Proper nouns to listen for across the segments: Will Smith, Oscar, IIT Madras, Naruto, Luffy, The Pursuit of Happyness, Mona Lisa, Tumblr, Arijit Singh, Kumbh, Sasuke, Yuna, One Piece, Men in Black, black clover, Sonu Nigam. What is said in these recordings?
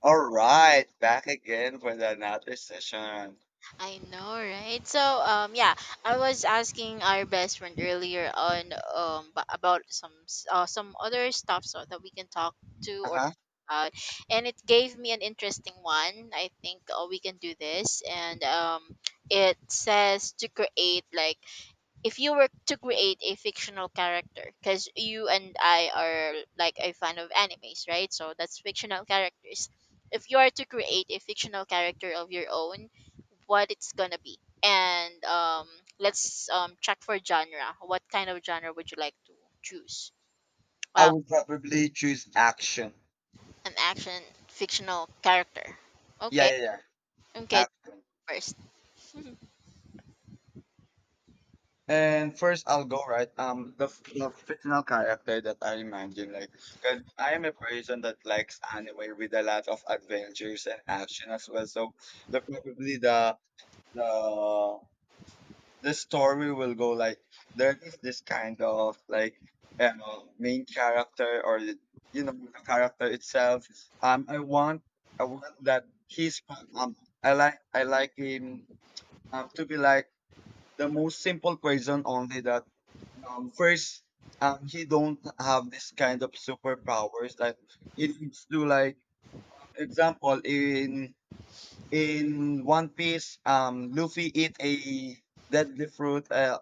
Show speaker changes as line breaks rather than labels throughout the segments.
All right, back again for the another session.
I know, right? So, I was asking our best friend earlier on, about some other stuff so that we can talk to or
Uh-huh.
about, and it gave me an interesting one. I think we can do this, and it says to create like if you were to create a fictional character, because you and I are like a fan of animes, right? So that's fictional characters. If you are to create a fictional character of your own, what it's gonna be, and let's check for genre. What kind of genre would you like to choose?
I
Um,
would probably choose action.
an action fictional character.
Yeah,
Okay.
yeah, yeah.
Okay.
Action.
First.
And first, I'll go right. The fictional character that I imagine, like, cause I am a person that likes anime with a lot of adventures and action as well. So, the probably the this story will go like there is this kind of like main character or the character itself. Um, I want I want that he's um I like him, to be like the most simple person only that first, he don't have this kind of superpowers that he needs to like, example in One Piece, Luffy eat a deadly fruit. Uh,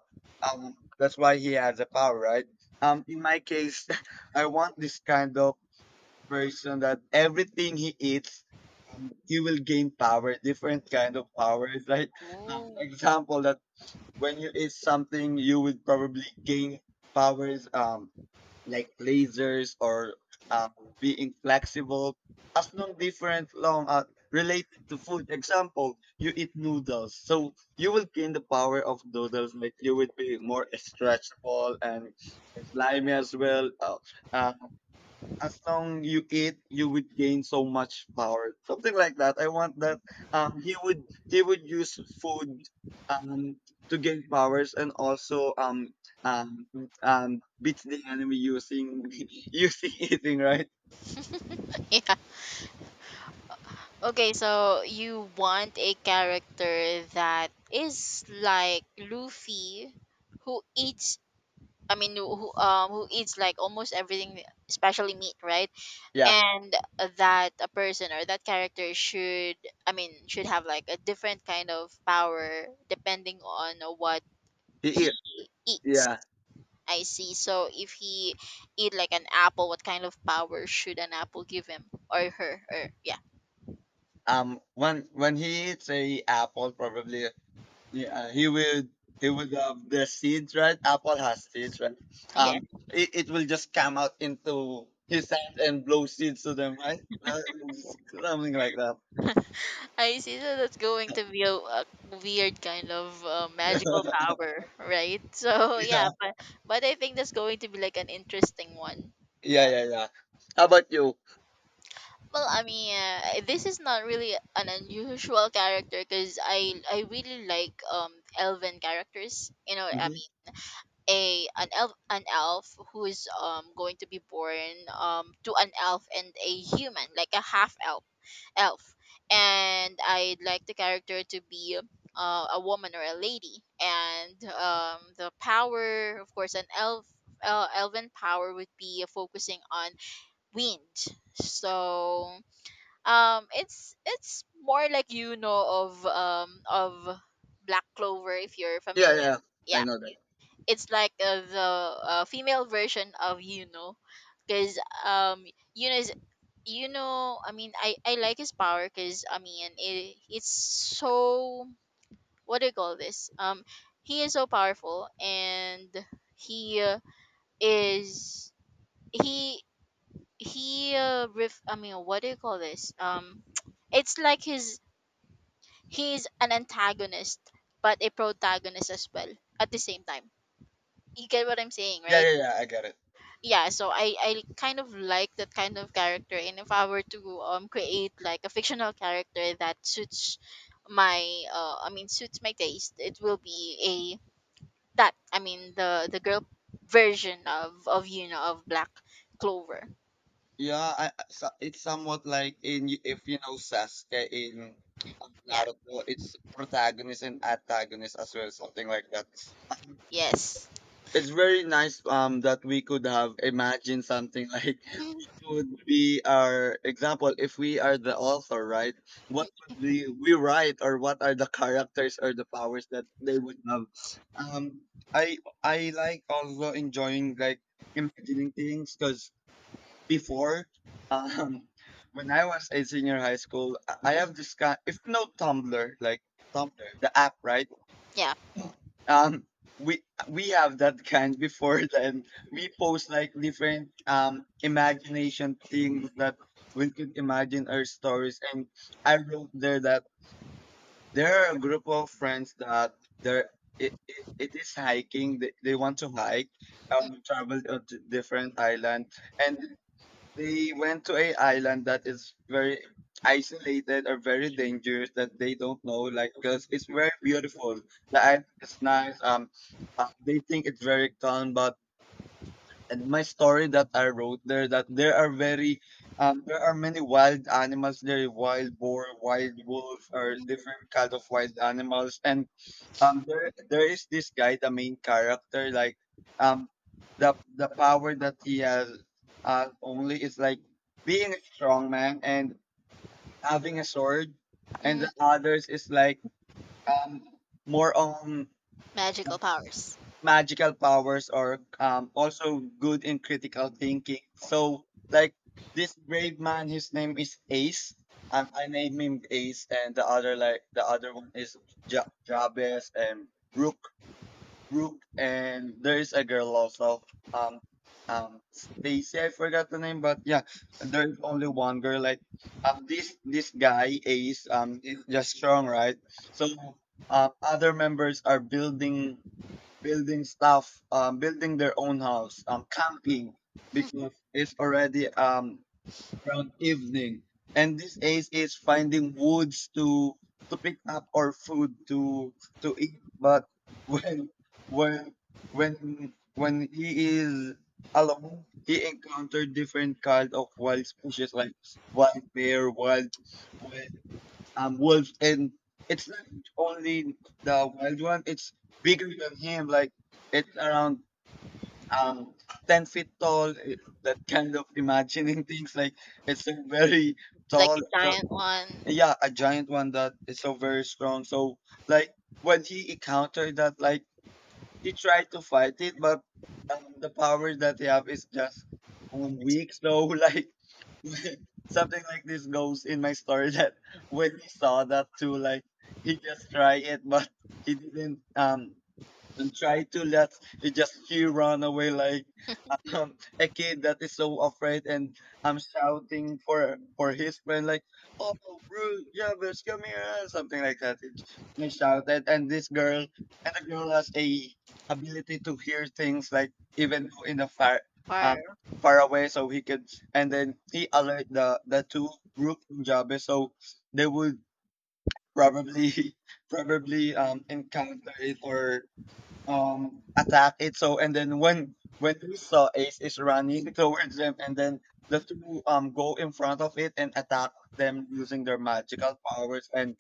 um, That's why he has a power, right? In my case, I want this kind of person that everything he eats, he will gain power, different kind of powers. Like,
Oh.
example that when you eat something, you will probably gain powers. Like lasers or um, being flexible as long different long related to food, example you eat noodles, so you will gain the power of noodles, like you would be more stretchable and slimy as well. Uh, as long you eat, you would gain so much power. Something like that. I want that. Um, he would he would use food um to gain powers and also um beat the enemy using using eating, right.
Yeah. Okay, so you want a character that is like Luffy, who eats. I mean, who who eats like almost everything, especially meat, right?
Yeah,
And that a person or that character should, I mean, should have like a different kind of power depending on what
he
he
eats.
eats.
Yeah.
I see. So if he eat like an apple, what kind of power should an apple give him or her? Or yeah,
When he eats a apple, probably. Yeah, he would have the seeds, right? Apple has seeds, right?
yeah.
Um, it, it will just come out into his hand and blow seeds to them, right? Something like that.
I see that that's going to be a weird kind of magical
Yeah,
power, right? So yeah, but I think that's going to be like an interesting one.
yeah,
Yeah.
yeah, yeah. How about you?
Well, I mean, this is not really an unusual character because I really like elven characters. You know, I
Hmm.
mean, a an elf who is going to be born to an elf and a human, like a half elf and I'd like the character to be a woman or a lady and the power of course an elf elven power would be focusing on wind so it's more like you know of Black Clover if you're
Yeah,
familiar,
yeah, I
yeah.
know that.
It's like the female version of you because Yuna is, you know, I mean, I like his power because I mean, it's so, what do you call this? He is so powerful, and he is he he ref, I mean, what do you call this? It's like his he's an antagonist but a protagonist as well at the same time. You get what I'm saying,
Yeah, yeah,
right?
yeah, I get it.
Yeah, so I kind of like that kind of character, and if I were to create like a fictional character that suits my I mean suits my taste, it will be a, that I mean, the girl version of you know of Black Clover,
Yeah, so it's somewhat like in, if you know Sasuke in
yeah.
Naruto, it's protagonist and antagonist as well, something like that.
Yes.
It's very nice that we could have imagined something like
Mhm.
what would be our example if we are the author, right? What would we write, or what are the characters or the powers that they would have. Um i i like also enjoying like imagining things, because before, um when I was a senior high school, I have this kind, if you know Tumblr, like Tumblr the app, right?
Yeah.
um we we have that kind before. Then we post like different imagination things that we could imagine our stories. And I wrote there that there are a group of friends that there it is hiking, they want to hike, travel to different island. And they went to a island that is very isolated or very dangerous that they don't know, like, because it's very beautiful. The island is nice. They think it's very calm, but, and my story that I wrote there, that there are very there are many wild animals there, wild boar, wild wolf, or
Mhm.
different kind of wild animals. And there is this guy, the main character, like, um the power that he has only is like being a strong man and having a sword. And
Mm.
the others is like, um more on
Magical powers.
magical powers, or also good in critical thinking. So, like, this brave man, his name is Ace. I named him Ace, and the other one is Jabez and Rook, Brooke, and there is a girl also. Um, Stacy, I forgot the name, but yeah, there's only one girl. Like, this guy Ace, is just strong, right? So, other members are building stuff, building their own house, camping because it's already around evening. And this Ace is finding woods to pick up our food to eat. But when when when he is alone, he encountered different kind of wild species, like wild bear, wild, wild, wolves. And it's not only the wild one, it's bigger than him. Like, it's around um 10 feet tall, that kind of imagining things, like it's a very
Like
tall.
a
So,
giant one.
yeah, a giant one that is so very strong. So, like, when he encountered that, like, he tried to fight it, but the power that he have is just,
This.
weak. So like, something like this goes in my story, that when he saw that too, like, he just tried it, but he didn't and try to let it. Just he run away, like a kid that is so afraid, and I'm shouting for his friend, like, "Oh, Bruce Jarvis, come here!" Something like that. It just- I shouted, and this girl, and the girl has a ability to hear things, like even though in the far um
Fire.
far away. So he could, and then he alert the two group from Jarvis, so they would probably probably encounter it, or attack it. So, and then when we saw Ace is running towards them, and then the two go in front of it and attack them using their magical powers. And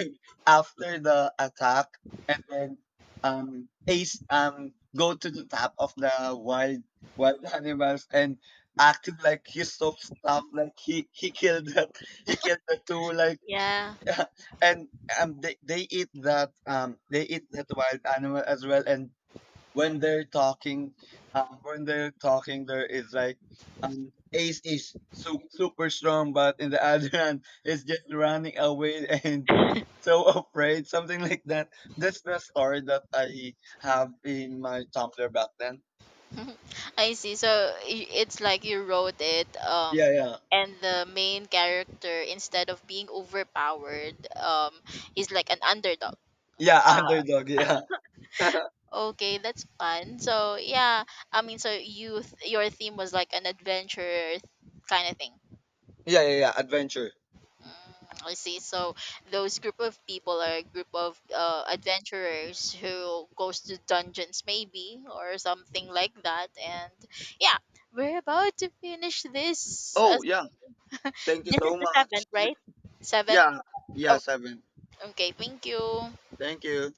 after the attack, and then Ace go to the top of the wild animals and acting like he's so stuffed, like he killed that, he killed the two, like,
Yeah.
and they eat that, they, eat that wild animal as well. And when they're talking, when they're talking, there is like, Ace is super strong, but in the other hand is just running away and so afraid, something like that. That's the story that I have in my Tumblr back then.
I see. So I- it's like you wrote it,
Yeah, yeah.
and the main character, instead of being overpowered, is like an underdog.
Yeah, underdog, yeah. Yeah.
Okay, that's fun. So yeah, I mean, so you your theme was like an adventure kind of thing.
Yeah, yeah, adventure.
Mm, I see. So those group of people are a group of adventurers who goes to dungeons maybe or something like that, and yeah, we're about to finish this
Oh yeah, thank you
this is
so
the
much.
seventh, right? Seventh.
Yeah, yeah,
Oh,
seven.
okay. Thank you.
Thank you.